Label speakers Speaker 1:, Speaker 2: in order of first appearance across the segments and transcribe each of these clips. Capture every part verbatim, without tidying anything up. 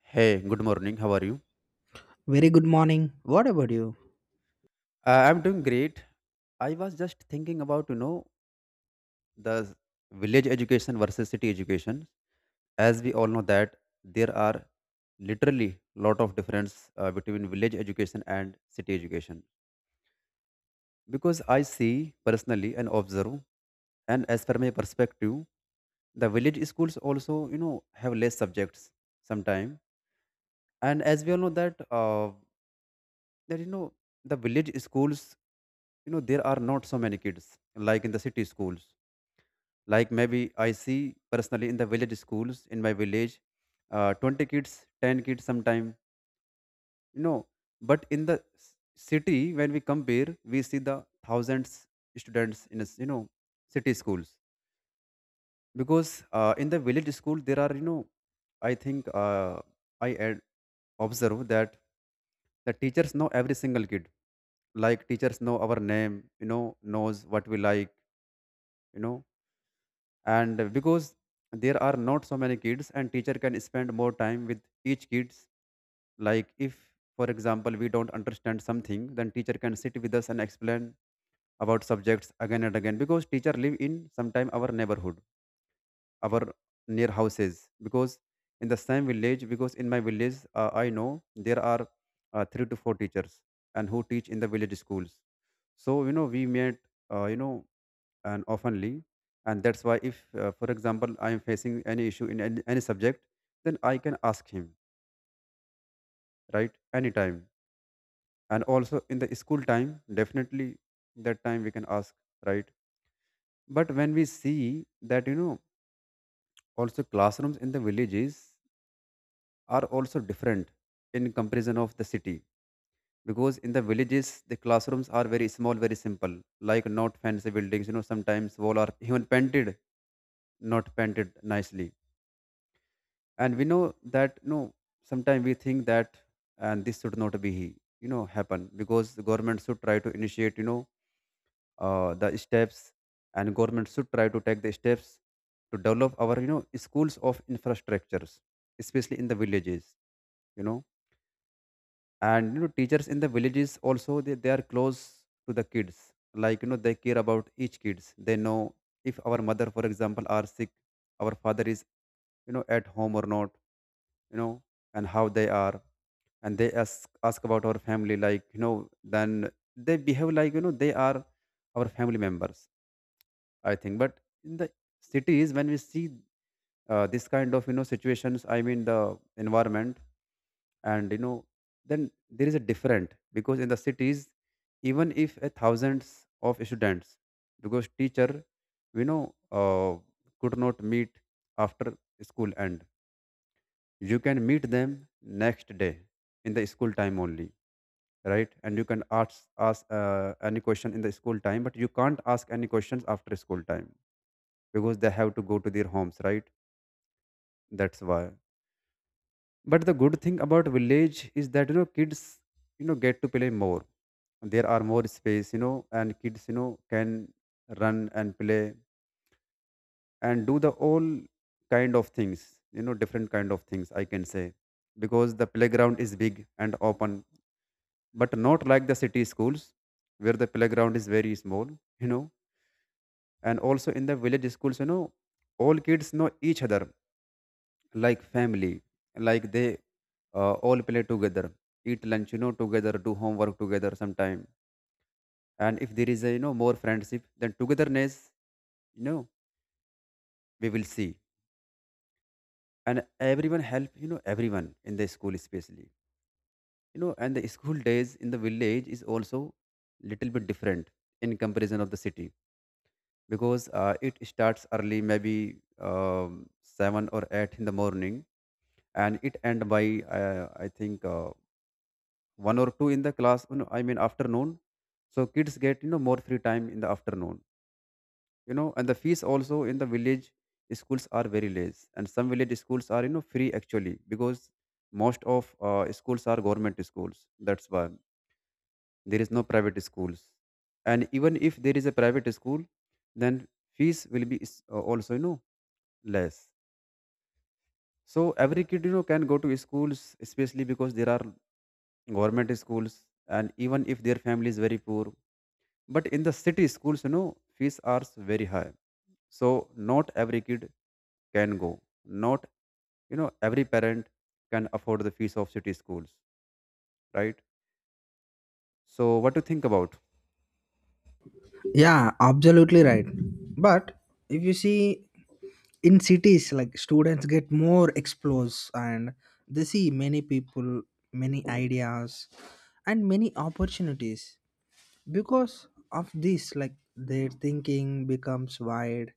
Speaker 1: Hey, good morning. How are you?
Speaker 2: Very good morning. What about you?
Speaker 1: Uh, I'm doing great. I was just thinking about, you know, the village education versus city education. As we all know that there are literally lot of difference uh, between village education and city education. Because I see personally and observe, and as per my perspective, the village schools also, you know, have less subjects sometime. And as we all know that uh, that you know the village schools you know there are not so many kids like in the city schools. Like maybe I see personally in the village schools in my village, uh, twenty kids, ten kids sometime, you know But in the s- city when we compare, we see the thousands students in a s- you know city schools. Because uh, in the village school there are you know I think uh, i ad- observe that the teachers know every single kid, like teachers know our name, you know, knows what we like, you know And because there are not so many kids, and teacher can spend more time with each kids, like if for example we don't understand something, then teacher can sit with us and explain about subjects again and again, because teacher live in sometime our neighborhood, our near houses, because in the same village. Because in my village, uh, I know there are uh, three to four teachers and who teach in the village schools. So you know we met uh, you know and oftenly. And that's why if uh, for example, I am facing any issue in any, any subject, then I can ask him, right, anytime. And also in the school time, definitely that time we can ask, right. But when we see that you know also classrooms in the villages are also different in comparison of the city. Because in the villages, the classrooms are very small, very simple, like not fancy buildings, you know Sometimes wall are even painted, not painted nicely. And we know that you know sometimes we think that, and this should not be you know happen, because the government should try to initiate you know uh, the steps, and government should try to take the steps to develop our you know schools of infrastructures, especially in the villages, you know And you know teachers in the villages also, they, they are close to the kids, like you know they care about each kids. They know if our mother for example are sick, our father is you know at home or not, you know and how they are. And they ask ask about our family, like you know then they behave like you know they are our family members, I think. But in the cities when we see, uh, this kind of you know situations, I mean the environment, and you know then there is a different, because in the cities, even if a thousands of students, because teacher you know uh, could not meet after school end. You can meet them next day in the school time only, right. And you can ask ask uh, any question in the school time, but you can't ask any questions after school time, because they have to go to their homes, right. That's why. But the good thing about village is that you know kids you know get to play more. There are more space, you know, and kids you know can run and play and do the all kind of things, you know, different kind of things I can say, because the playground is big and open, but not like the city schools where the playground is very small, you know And also in the village schools, you know, all kids know each other like family. Like they uh, all play together, eat lunch you know together, do homework together sometime. And if there is a you know more friendship then togetherness, you know, we will see. And everyone help you know everyone in the school, especially you know And the school days in the village is also little bit different in comparison of the city. Because uh, it starts early, maybe um, seven or eight in the morning, and it end by uh, I think uh, one or two in the class, you know, I mean afternoon. So kids get you know more free time in the afternoon, you know And the fees also in the village schools are very less, and some village schools are you know free actually, because most of uh, schools are government schools, that's why. There is no private schools. And even if there is a private school, then fees will be is- uh, also you know less. So every kid you know can go to schools, especially because there are government schools, and even if their family is very poor. But in the city schools you know fees are very high, so not every kid can go, not you know every parent can afford the fees of city schools, right. So what do you think about?
Speaker 2: Yeah, absolutely right. But if you see in cities, like, students get more exposed and they see many people, many ideas, and many opportunities. Because of this, like, their thinking becomes wide.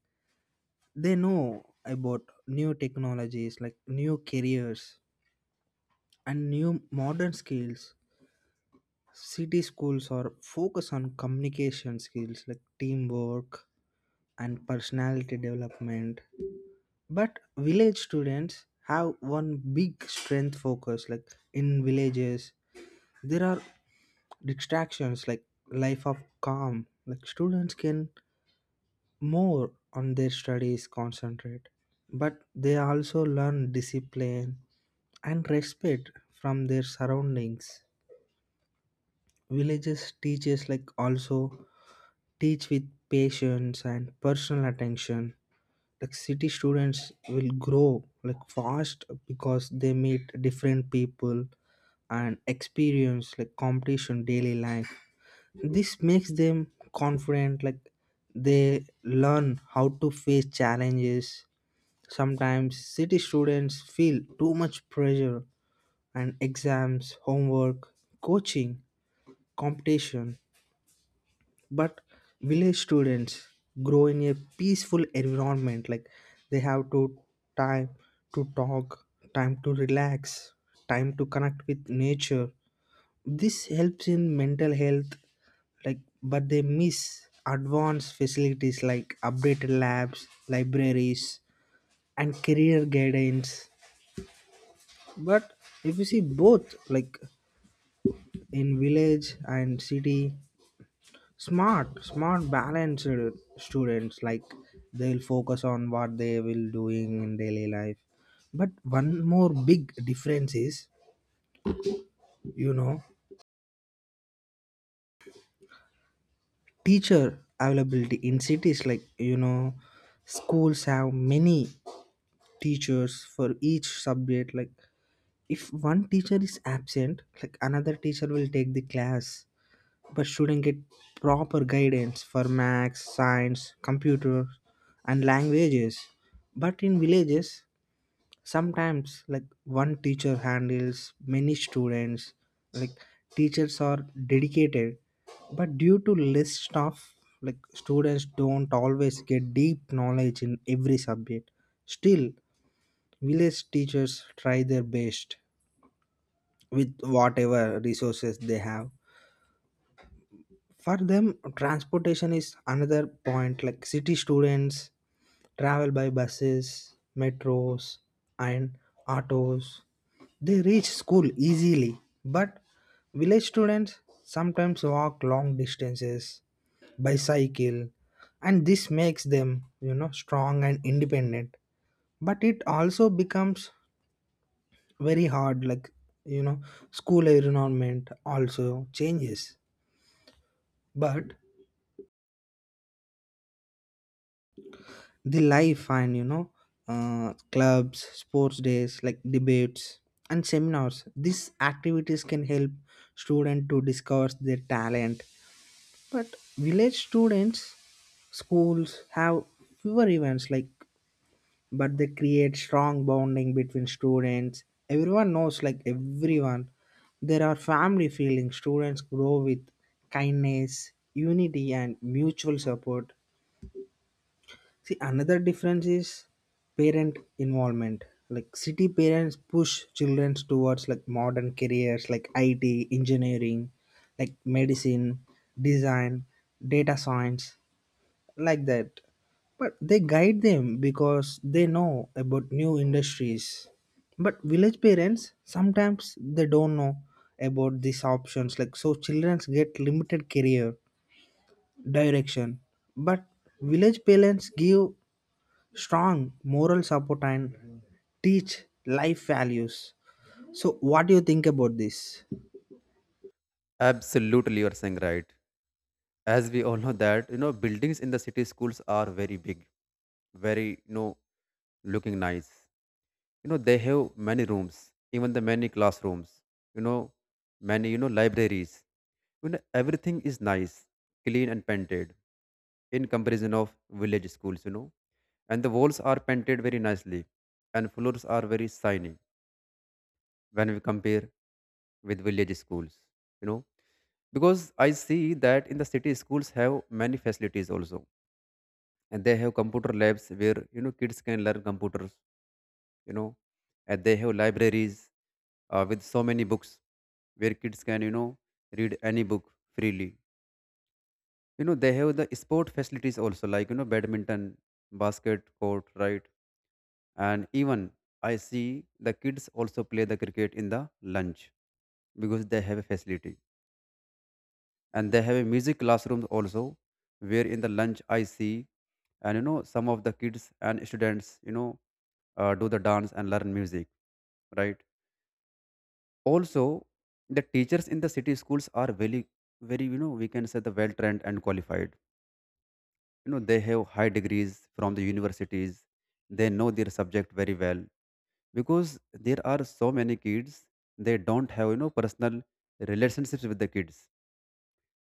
Speaker 2: They know about new technologies, like new careers, and new modern skills. City schools are focus on communication skills like teamwork and personality development. But village students have one big strength focus. Like in villages, there are distractions like life of calm. Like students can more on their studies concentrate, but they also learn discipline and respect from their surroundings. Villages teachers like also teach with patience and personal attention, like city students will grow like fast because they meet different people and experience like competition daily life. This makes them confident, like they learn how to face challenges. Sometimes city students feel too much pressure and exams, homework, coaching, competition. But village students grow in a peaceful environment, like they have to time to talk, time to relax, time to connect with nature. This helps in mental health. Like, but they miss advanced facilities like updated labs, libraries, and career guidance. But if you see both, like, in village and city, smart smart balanced students, like they'll focus on what they will doing in daily life. But one more big difference is, you know, teacher availability in cities. Like, you know, schools have many teachers for each subject. Like if one teacher is absent, like another teacher will take the class. But shouldn't get proper guidance for maths, science, computer, and languages. But in villages, sometimes like one teacher handles many students. Like teachers are dedicated, but due to less staff, like students don't always get deep knowledge in every subject. Still, village teachers try their best with whatever resources they have. For them, transportation is another point. Like city students travel by buses, metros, and autos. They reach school easily. But village students sometimes walk long distances, bicycle, and this makes them, you know, strong and independent, but it also becomes very hard. Like, you know, school environment also changes. But the life and, you know, uh, clubs, sports days like debates and seminars, these activities can help students to discover their talent. But village students schools have fewer events. Like, but they create strong bonding between students. Everyone knows like everyone, there are family feelings. Students grow with kindness, unity, and mutual support. See, another difference is parent involvement. Like city parents push children towards like modern careers like I T, engineering, like medicine, design, data science, like that. But they guide them because they know about new industries. But village parents sometimes they don't know about these options. Like, so children get limited career direction. But village parents give strong moral support and teach life values. So what do you think about this?
Speaker 1: Absolutely, you're saying right. As we all know that you know buildings in the city schools are very big, very you know looking nice. You know they have many rooms, even the many classrooms, you know, many you know libraries, you know, everything is nice, clean and painted in comparison of village schools, you know And the walls are painted very nicely, and floors are very shiny when we compare with village schools, you know Because I see that in the city schools have many facilities also, and they have computer labs where you know kids can learn computers, you know And they have libraries uh, with so many books where kids can you know read any book freely, you know They have the sport facilities also, like you know badminton, basket court, right. And even I see the kids also play the cricket in the lunch because they have a facility. And they have a music classroom also where in the lunch I see, and you know some of the kids and students you know uh, do the dance and learn music, right. Also, the teachers in the city schools are very, very, you know, we can say, the well trained and qualified, you know They have high degrees from the universities. They know their subject very well. Because there are so many kids, they don't have you know personal relationships with the kids.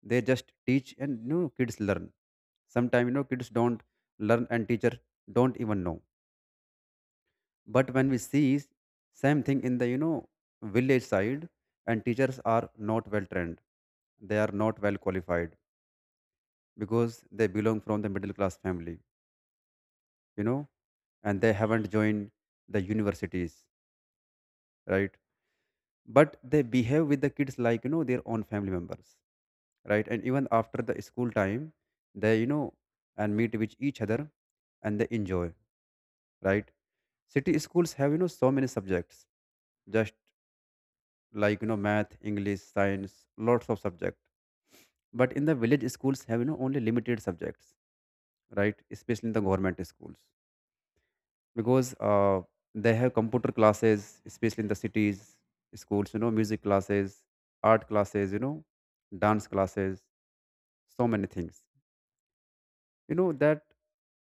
Speaker 1: They just teach, and you know kids learn. Sometimes you know kids don't learn and teacher don't even know. But when we see same thing in the you know village side, and teachers are not well trained, they are not well qualified, because they belong from the middle class family, you know, and they haven't joined the universities, right. But they behave with the kids like you know their own family members, right. And even after the school time they you know and meet with each other and they enjoy, right. City schools have you know so many subjects, just like you know math, English, science, lots of subjects. But in the village schools have you know only limited subjects, right, especially in the government schools. Because uh, they have computer classes, especially in the cities, schools, you know, music classes, art classes, you know, dance classes, so many things. You know that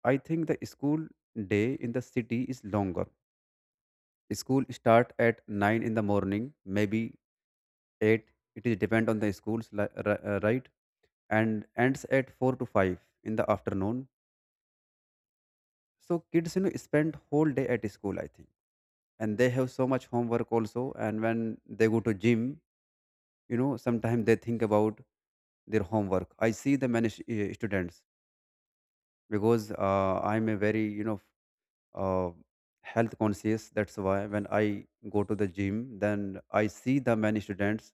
Speaker 1: I think the school day in the city is longer. School start at nine in the morning, maybe eight. It is depend on the schools, li- ri- uh, right? And ends at four to five in the afternoon. So kids, you know, spend whole day at school, I think. And they have so much homework also. And when they go to gym, you know, sometimes they think about their homework. I see the many sh- uh, students because uh, I'm a very, you know, uh, health conscious. That's why when I go to the gym, then I see the many students,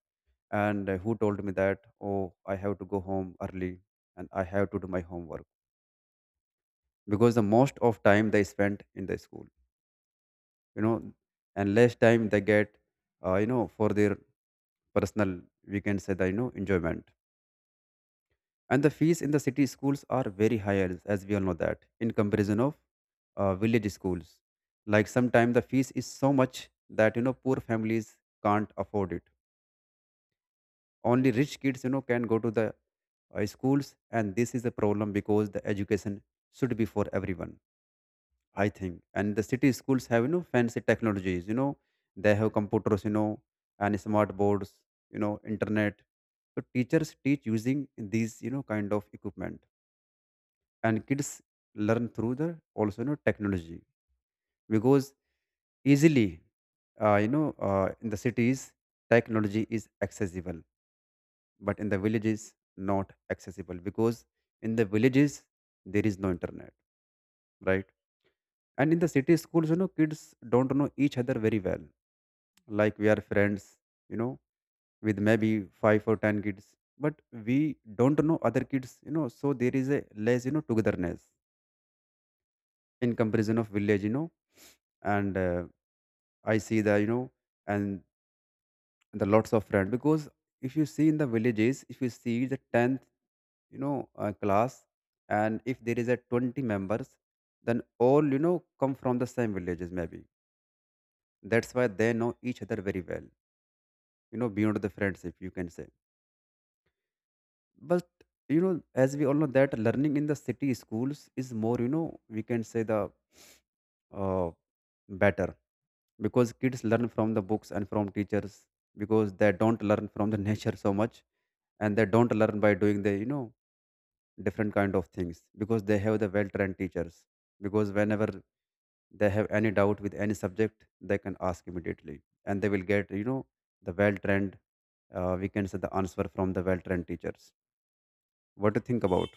Speaker 1: and uh, who told me that, oh, I have to go home early and I have to do my homework. Because the most of time they spent in the school, you know, and less time they get uh, you know for their personal, we can say that, you know, enjoyment. And the fees in the city schools are very high, as, as we all know that, in comparison of uh, village schools, like sometimes the fees is so much that you know poor families can't afford it. Only rich kids you know can go to the uh, schools, and this is a problem, because the education should be for everyone, I think. And the city schools have, you know, fancy technologies, you know, They have computers, you know, and smart boards, you know, internet. So teachers teach using these, you know, kind of equipment. And kids learn through the also, you know, technology. Because easily, uh, you know, uh, in the cities, technology is accessible, but in the villages, not accessible because in the villages, there is no internet, right? And in the city schools, you know, kids don't know each other very well, like we are friends you know with maybe five or ten kids, but we don't know other kids, you know so there is a less you know togetherness in comparison of village you know And uh, I see the you know and the lots of friends, because if you see in the villages, if you see the tenth, you know uh, class, and if there is a twenty members, then all you know come from the same villages maybe. That's why they know each other very well you know beyond the friendship, you can say. But you know, as we all know, that learning in the city schools is more, you know, we can say, the uh, better, because kids learn from the books and from teachers, because they don't learn from the nature so much, and they don't learn by doing the you know different kind of things, because they have the well trained teachers. Because whenever they have any doubt with any subject, they can ask immediately, and they will get, you know the well trained, uh, we can say, the answer from the well trained teachers. What do you think about?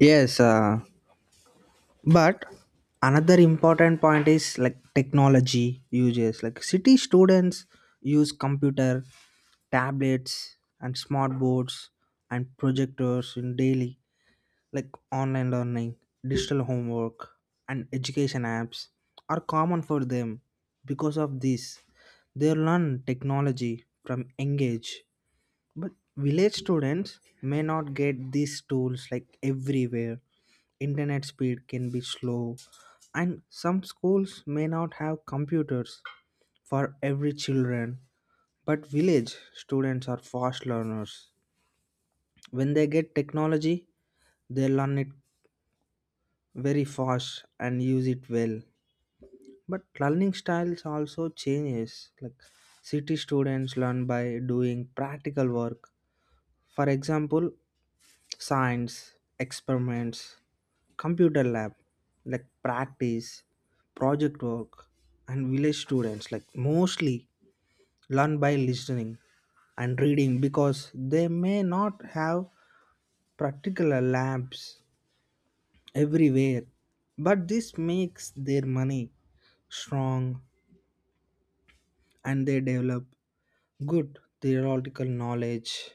Speaker 2: Yes. Uh, but another important point is like technology uses. Like city students use computer, tablets, and smart boards and projectors in daily. Like online learning, digital homework, and education apps are common for them. Because of this, they learn technology from young age. But village students may not get these tools like everywhere. Internet speed can be slow, and some schools may not have computers for every children. But village students are fast learners. When they get technology, they learn it very fast and use it well. But learning styles also changes. Like city students learn by doing practical work, for example, science experiments, computer lab like practice, project work. And village students like mostly learn by listening and reading because they may not have particular labs everywhere. But this makes their money strong, and they develop good theoretical knowledge.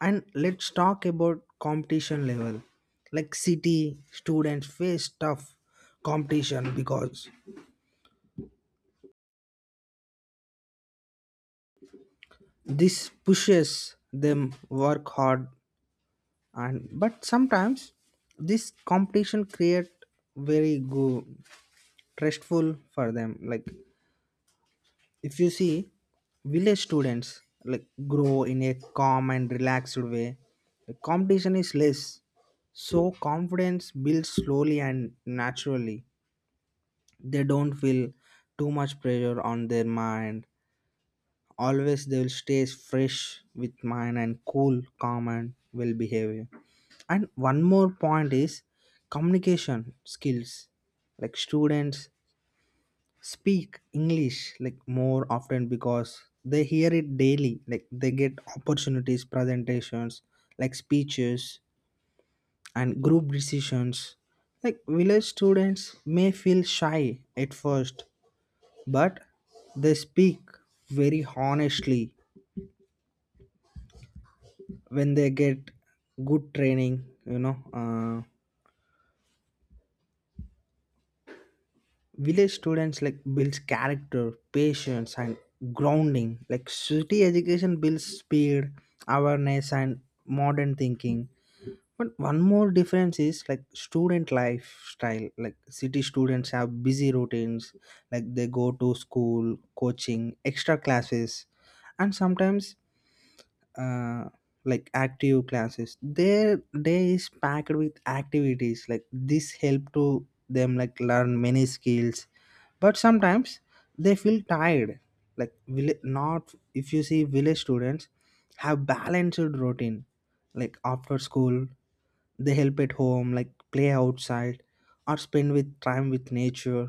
Speaker 2: And let's talk about competition level. Like city students face tough competition because this pushes them work hard and but sometimes this competition create very go stressful for them. Like if you see, village students like grow in a calm and relaxed way. The competition is less, so confidence builds slowly and naturally. They don't feel too much pressure on their mind. Always they will stay fresh with mind and cool, calm, and well behavior. And one more point is communication skills, like students speak English like more often because they hear it daily. Like they get opportunities, presentations, like speeches and group decisions. Like village students may feel shy at first, but they speak very honestly when they get good training, you know. Uh, village students like builds character, patience, and grounding. Like city education builds speed, awareness, and modern thinking. But one more difference is like student lifestyle. Like city students have busy routines. Like they go to school, coaching, extra classes, and sometimes uh, like active classes, their day is packed with activities. Like this help to them like learn many skills, but sometimes they feel tired like will not. If you see, village students have balanced routine. Like after school, they help at home, like play outside or spend with time with nature.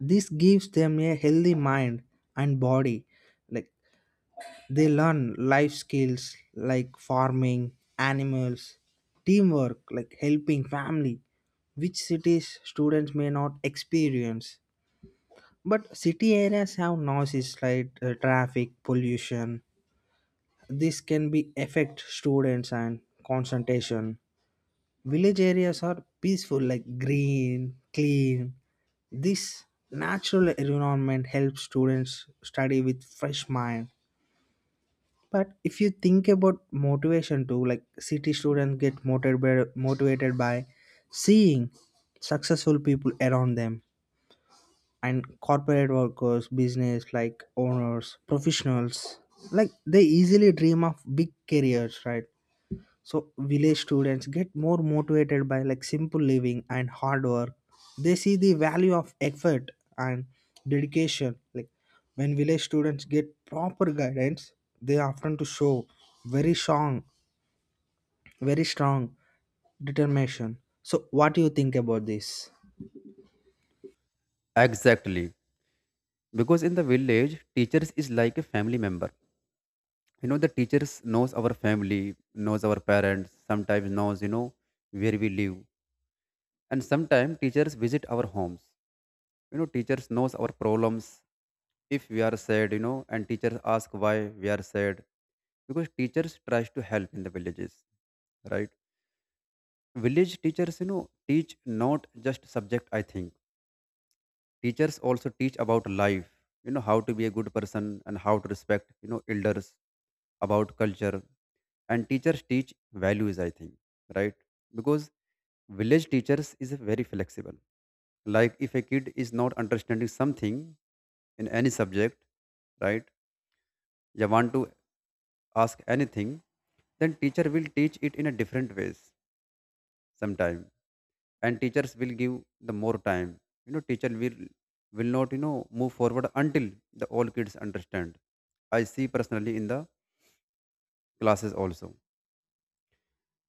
Speaker 2: This gives them a healthy mind and body. Like they learn life skills like farming, animals, teamwork, like helping family, which cities students may not experience. But city areas have noises like uh, traffic, pollution. This can be affect students and concentration. Village areas are peaceful, like green, clean. This natural environment helps students study with fresh mind. But if you think about motivation too, like city students get motivated by, motivated by seeing successful people around them and corporate workers, business like owners, professionals, like they easily dream of big careers, right? So village students get more motivated by like simple living and hard work. They see the value of effort and dedication. Like when village students get proper guidance, they often to show very strong, very strong determination. So what do you think about this?
Speaker 1: Exactly, because in the village, teachers is like a family member you know The teachers knows our family, knows our parents, sometimes knows you know where we live, and sometimes teachers visit our homes you know Teachers knows our problems. If we are sad, you know and teachers ask why we are sad, because teachers tries to help in the villages, right? Village teachers you know teach not just subject, I think. Teachers also teach about life, you know, how to be a good person, and how to respect, you know, elders, about culture. And teachers teach values, I think, right? Because village teachers is very flexible. Like if a kid is not understanding something in any subject, right? You want to ask anything, then teacher will teach it in a different ways sometime, and teachers will give the more time. You know teacher will will not you know move forward until the all kids understand. I see personally in the classes also, you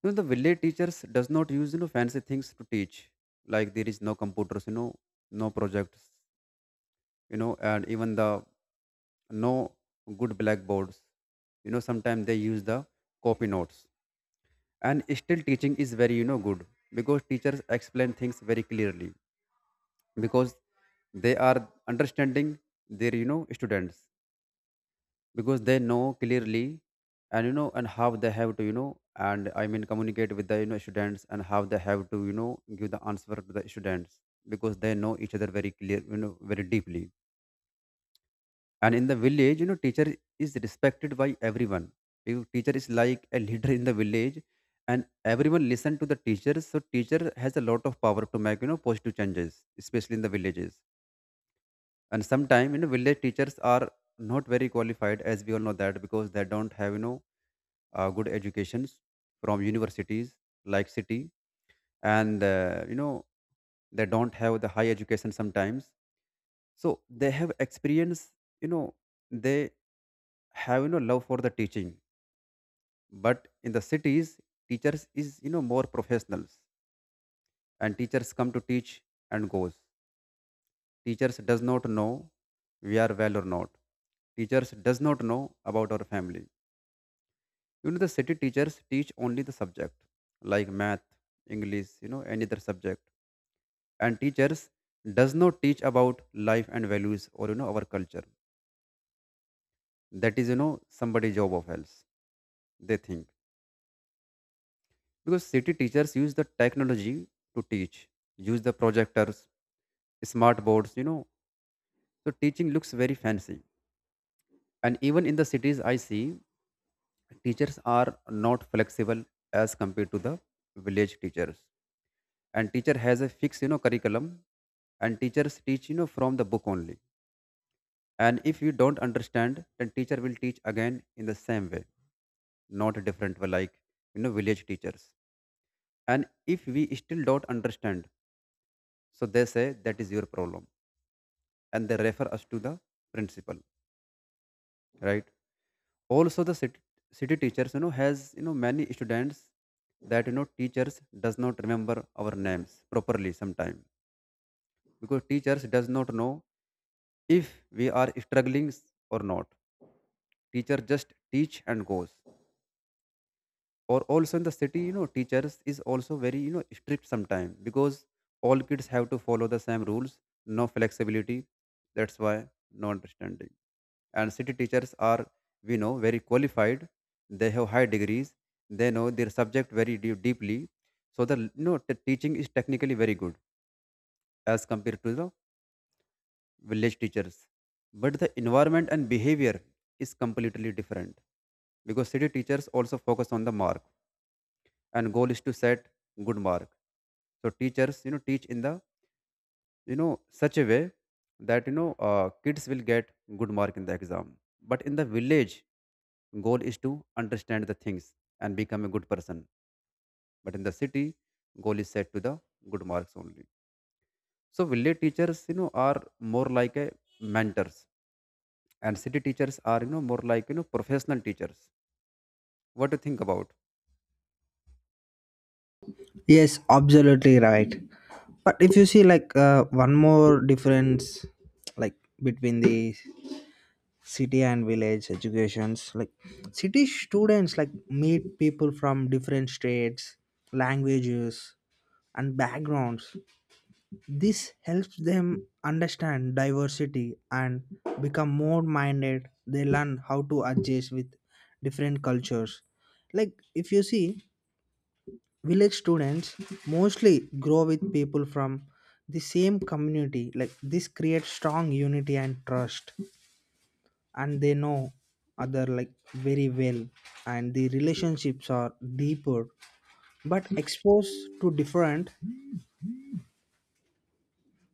Speaker 1: know the village teachers does not use you know fancy things to teach, like there is no computers, you know no projects, you know and even the no good blackboards. You know sometimes they use the copy notes, and still teaching is very you know good, because teachers explain things very clearly, because they are understanding their you know students, because they know clearly, and you know and how they have to, you know and I mean communicate with the, you know students, and how they have to, you know give the answer to the students, because they know each other very clear, you know very deeply. And in the village, you know teacher is respected by everyone. You- teacher is like a leader in the village, and everyone listen to the teacher. So teacher has a lot of power to make, you know positive changes, especially in the villages. And sometimes, you know village teachers are not very qualified, as we all know that, because they don't have, you know uh, good educations from universities like city. And uh, you know they don't have the high education sometimes. So they have experience, you know they have you know love for the teaching. But in the cities, teachers is you know more professionals, and teachers come to teach and goes. Teachers does not know we are well or not, teachers does not know about our family. You know, the city teachers teach only the subject, like math, English, you know, any other subject. And teachers does not teach about life and values, or you know our culture. That is, you know, somebody job of else, they think. Because city teachers use the technology to teach, use the projectors, smart boards, you know. So teaching looks very fancy. And even in the cities I see, teachers are not flexible as compared to the village teachers, and teacher has a fixed you know curriculum, and teachers teach, you know from the book only. And if you don't understand, then teacher will teach again in the same way, not different way, like you know village teachers. And if we still don't understand, so they say that is your problem, and they refer us to the principal, right? Also the city, city teachers you know has you know many students, that you know teachers does not remember our names properly sometime, because teachers does not know if we are struggling or not. Teacher just teach and goes. Or also in the city, you know teachers is also very you know strict sometimes, because all kids have to follow the same rules, no flexibility, that's why no understanding. And city teachers are, we know, very qualified, they have high degrees, they know their subject very deep, deeply So the you know the teaching is technically very good as compared to the village teachers, but the environment and behavior is completely different, because city teachers also focus on the mark, and goal is to set good mark. So teachers you know teach in the, you know such a way that, you know uh, kids will get good mark in the exam. But in the village, goal is to understand the things and become a good person. But in the city, goal is set to the good marks only. So village teachers you know are more like a mentors, and city teachers are you know more like you know professional teachers. What do you think about?
Speaker 2: Yes, absolutely right. But if you see like uh, one more difference, like between the city and village educations, like city students like meet people from different states, languages, and backgrounds. This helps them understand diversity and become more minded. They learn how to adjust with different cultures. Like if you see, village students mostly grow with people from the same community. Like this creates strong unity and trust, and they know other like very well, and the relationships are deeper. But exposed to different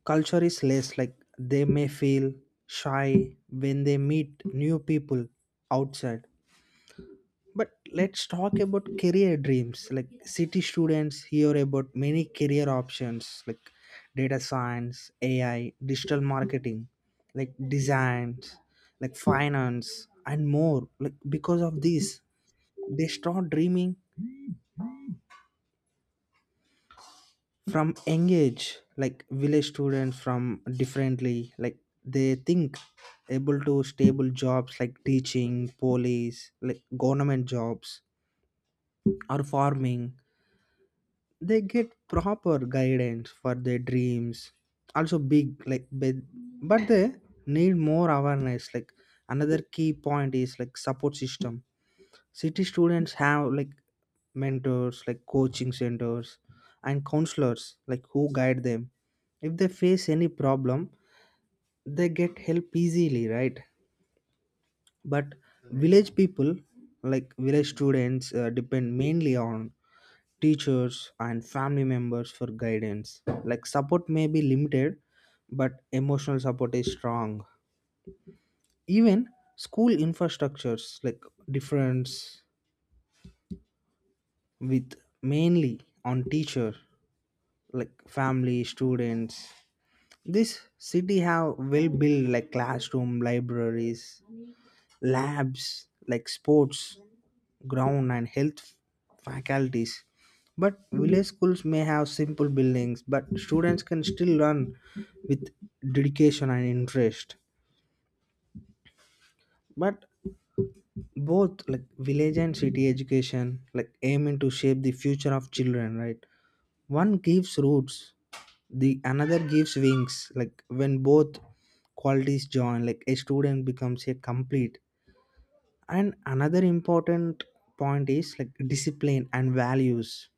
Speaker 2: culture is less. Like they may feel shy when they meet new people outside. But let's talk about career dreams. Like city students hear about many career options like data science, A I, digital marketing, like designs, like finance, and more. Like because of this, they start dreaming from young age. Like village students from differently, like they think able to stable jobs like teaching, police, like government jobs or farming. They get proper guidance for their dreams also big, like but, but they need more awareness. Like another key point is like support system. City students have like mentors, like coaching centers, and counselors like who guide them. If they face any problem, they get help easily, right? But village people, like village students, uh, depend mainly on teachers and family members for guidance. Like support may be limited, but emotional support is strong. Even school infrastructures like difference with mainly on teacher like family students, this city have well built like classroom, libraries, labs, like sports ground and health faculties. But village schools may have simple buildings, but students can still learn with dedication and interest. But both, like village and city education, like aiming to shape the future of children, right? One gives roots, the another gives wings. Like when both qualities join, like a student becomes a complete. And another important point is like discipline and values.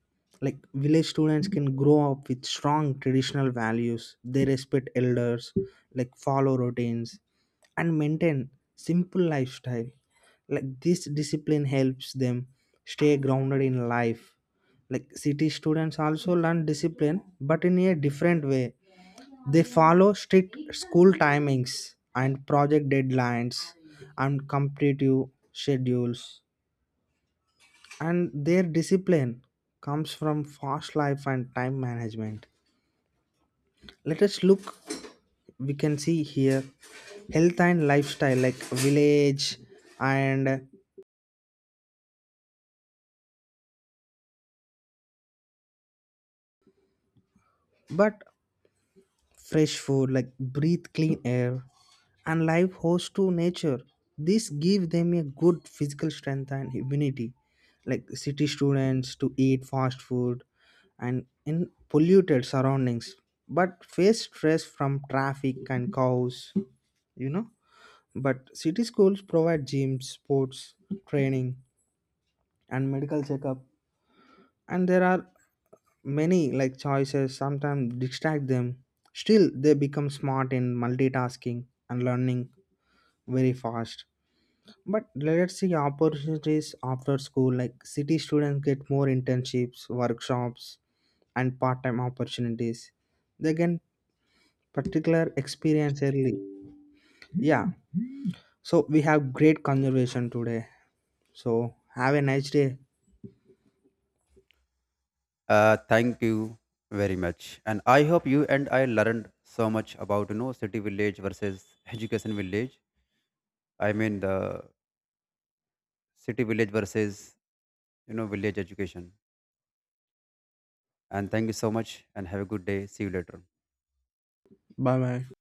Speaker 2: Like village students can grow up with strong traditional values. They respect elders, like follow routines and maintain simple lifestyle. Like this discipline helps them stay grounded in life. Like city students also learn discipline but in a different way. They follow strict school timings and project deadlines and competitive schedules. And their discipline comes from fast life and time management. Let us look, we can see here, health and lifestyle like village and but fresh food, like breathe clean air and live host to nature. This give them a good physical strength and immunity. Like city students to eat fast food and in polluted surroundings, but face stress from traffic and cows, you know. But city schools provide gyms, sports training, and medical checkup, and there are many like choices sometimes distract them. Still, they become smart in multitasking and learning very fast. But let's see opportunities after school. Like city students get more internships, workshops, and part-time opportunities. They get particular experience early. Yeah. So we have great conversation today, so have a nice day.
Speaker 1: uh, Thank you very much, and I hope you and I learned so much about, you know city village versus education village. I mean, the city village versus, you know village education. And thank you so much, and have a good day. See you later.
Speaker 2: Bye bye.